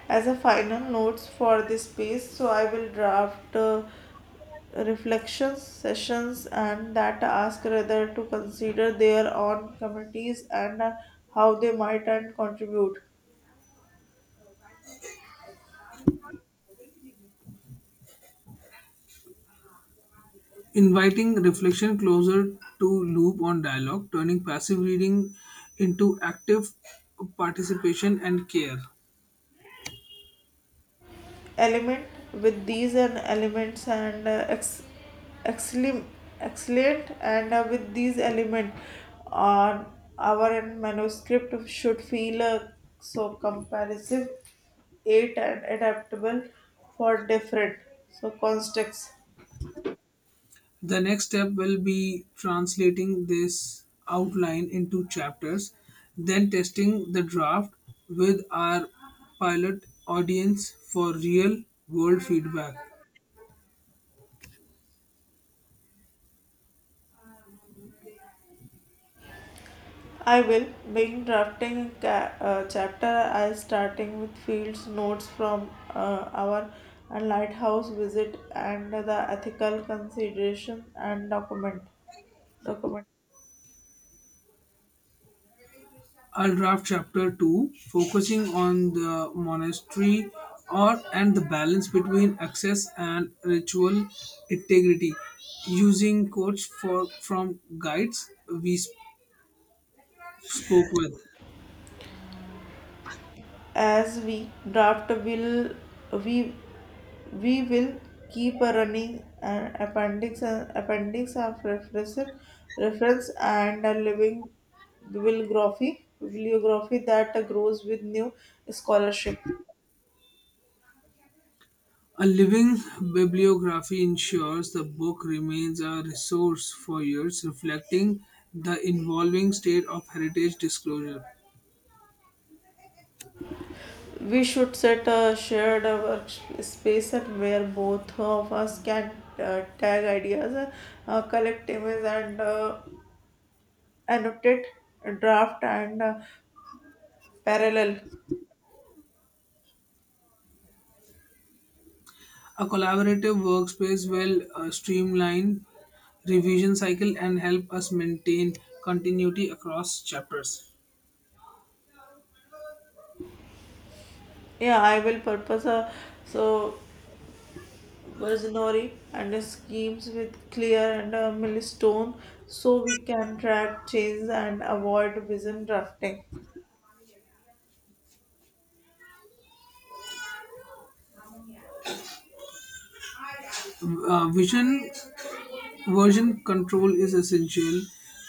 B: as a final notes for this piece so I will draft reflections sessions and that ask rather to consider their own committees and how they might and contribute
A: Inviting reflection closer to loop on dialogue, turning passive reading into active participation and care.
B: element with these and elements and excellent excellent and with these element on our end manuscript should feel so comparison eight and adaptable for different so contexts.
A: The next step will be translating this outline into chapters, then testing the draft with our pilot audience for real world feedback.
B: I will begin drafting a chapter as starting with Fields' notes from our lighthouse visit and the ethical consideration and document.
A: I'll draft chapter 2 focusing on the monastery or and the balance between access and ritual integrity using quotes for from guides we sp- spoke with.
B: As we draft, will we we will keep a running appendix of reference and a living bibliography that grows with new scholarship.
A: A living bibliography ensures the book remains a resource for years, reflecting the evolving state of heritage disclosure.
B: We should set a shared workspace and where both of us can tag ideas, collect images, and annotate, draft, and parallel.
A: A collaborative workspace will streamline revision cycle and help us maintain continuity across chapters.
B: Yeah, I will purpose a so versionary and schemes with clear and a millstone so we can track change and avoid vision drafting.
A: Vision Version control is essential.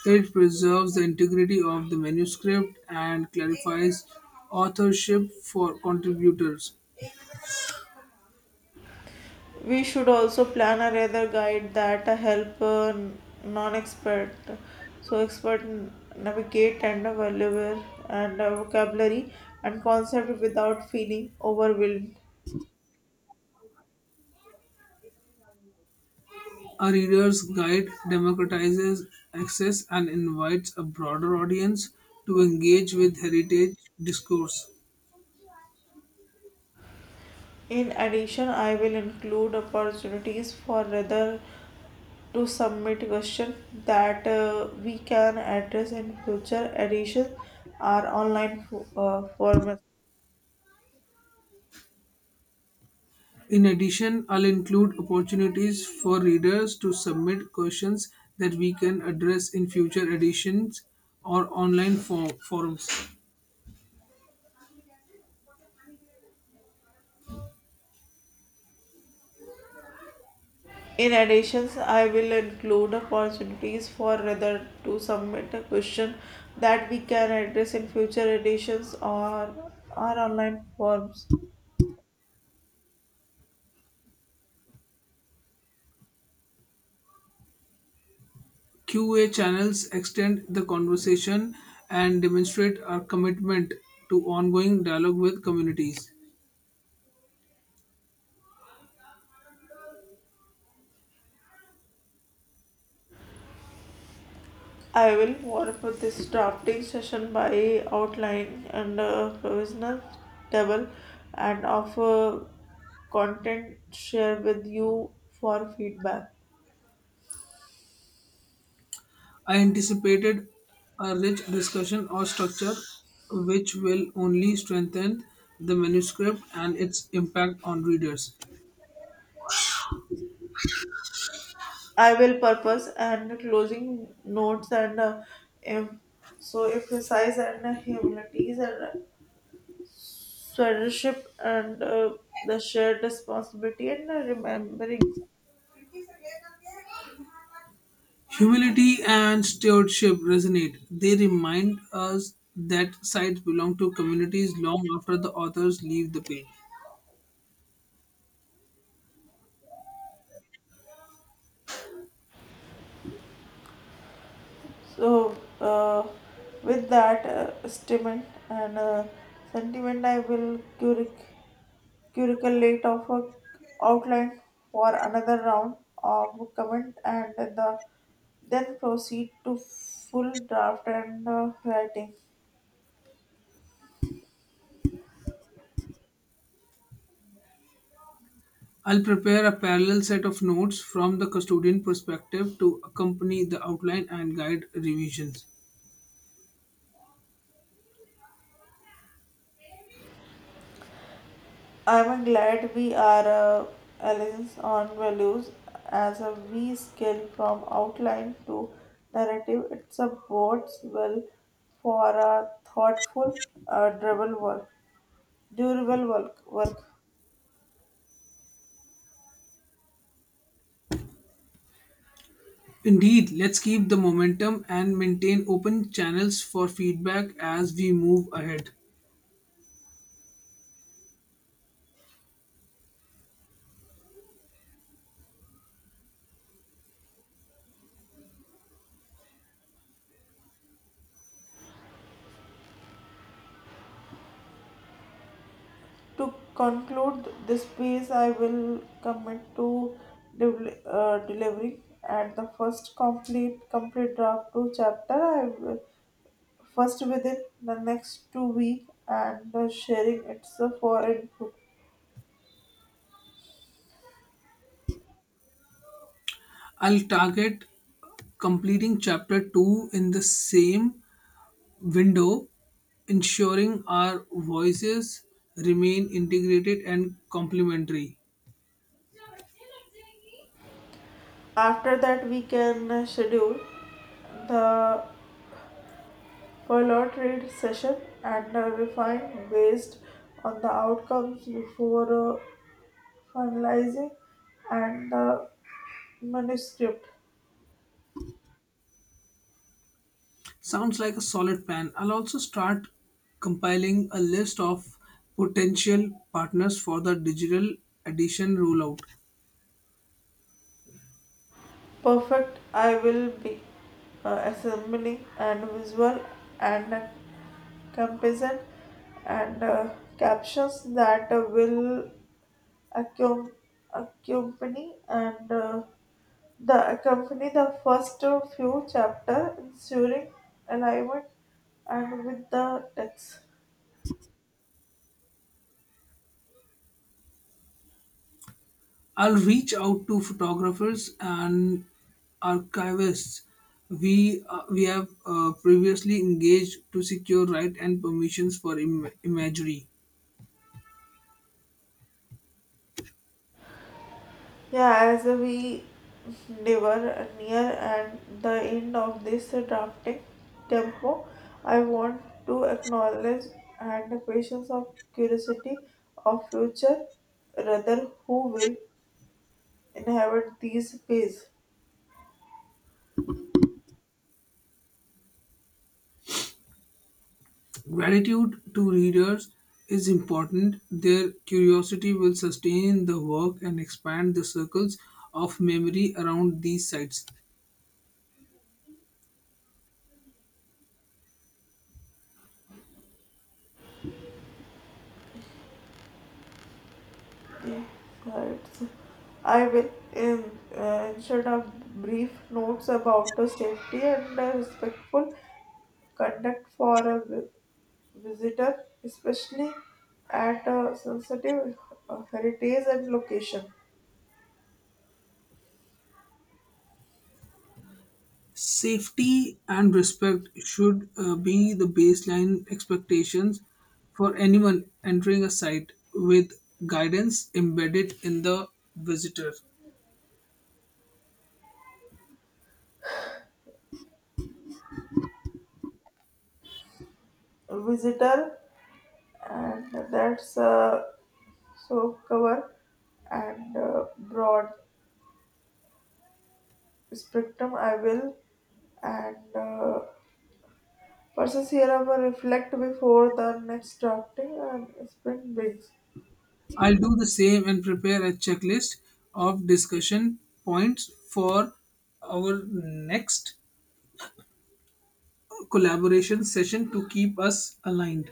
A: It preserves the integrity of the manuscript and clarifies authorship for contributors.
B: We should also plan a rather guide that help non-expert, navigate and vocabulary and concept without feeling overwhelmed.
A: A reader's guide democratizes access and invites a broader audience to engage with heritage discourse.
B: In addition, I will include opportunities for rather to submit question that we can address in future editions or online formats.
A: In addition, I'll include opportunities for readers to submit questions that we can address in future editions or online forums.
B: In addition, I will include opportunities for reader to submit a question that we can address in future editions or our online forms.
A: QA channels extend the conversation and demonstrate our commitment to ongoing dialogue with communities.
B: I will warm up this drafting session by outline and a provisional table and offer content share with you for feedback.
A: I anticipated a rich discussion or structure which will only strengthen the manuscript and its impact on readers.
B: I will purpose and closing notes and em- emphasize and humanities and stewardship and the shared responsibility and remembering.
A: Humility and stewardship resonate. They remind us that sites belong to communities long after the authors leave the page.
B: So, uh, with that statement and sentiment, I will curriculate of a outline for another round of comment and the then proceed to full draft and writing.
A: I'll prepare a parallel set of notes from the custodian perspective to accompany the outline and guide revisions.
B: I'm glad we are aligned on values as a we scale from outline to narrative. It's a bodes well for a thoughtful, durable work. Durable work. Work.
A: Indeed, let's keep the momentum and maintain open channels for feedback as we move ahead.
B: To conclude this piece, I will commit to delivering at the first complete draft to chapter. I will first within the next 2 weeks and sharing it's for input.
A: I'll target completing chapter 2 in the same window, ensuring our voices remain integrated and complementary.
B: After that, we can schedule the pilot read session and refine based on the outcomes before finalizing and the manuscript.
A: Sounds like a solid plan. I'll also start compiling a list of potential partners for the digital edition rollout.
B: Perfect, I will be assembling and visual and composition and captions that will accom- accompany and the accompany the first few chapter ensuring alignment and with the text.
A: I'll reach out to photographers and archivists we have previously engaged to secure right and permissions for imagery.
B: Yeah, as we never near and the end of this drafting tempo I want to acknowledge and the patience of curiosity of future rather who will inherit these pages
A: Gratitude to readers is important. Their curiosity will sustain the work and expand the circles of memory around these sites.
B: the cards. I will insert a brief notes about the safety and the respectful conduct for a visitor, especially at a sensitive heritage and location.
A: Safety and respect should be the baseline expectations for anyone entering a site with guidance embedded in the visitor.
B: Visitor and that's so cover and broad spectrum. I will and. Process hereover reflect before the next drafting and spring begins.
A: I'll do the same and prepare a checklist of discussion points for our next collaboration session to keep us aligned.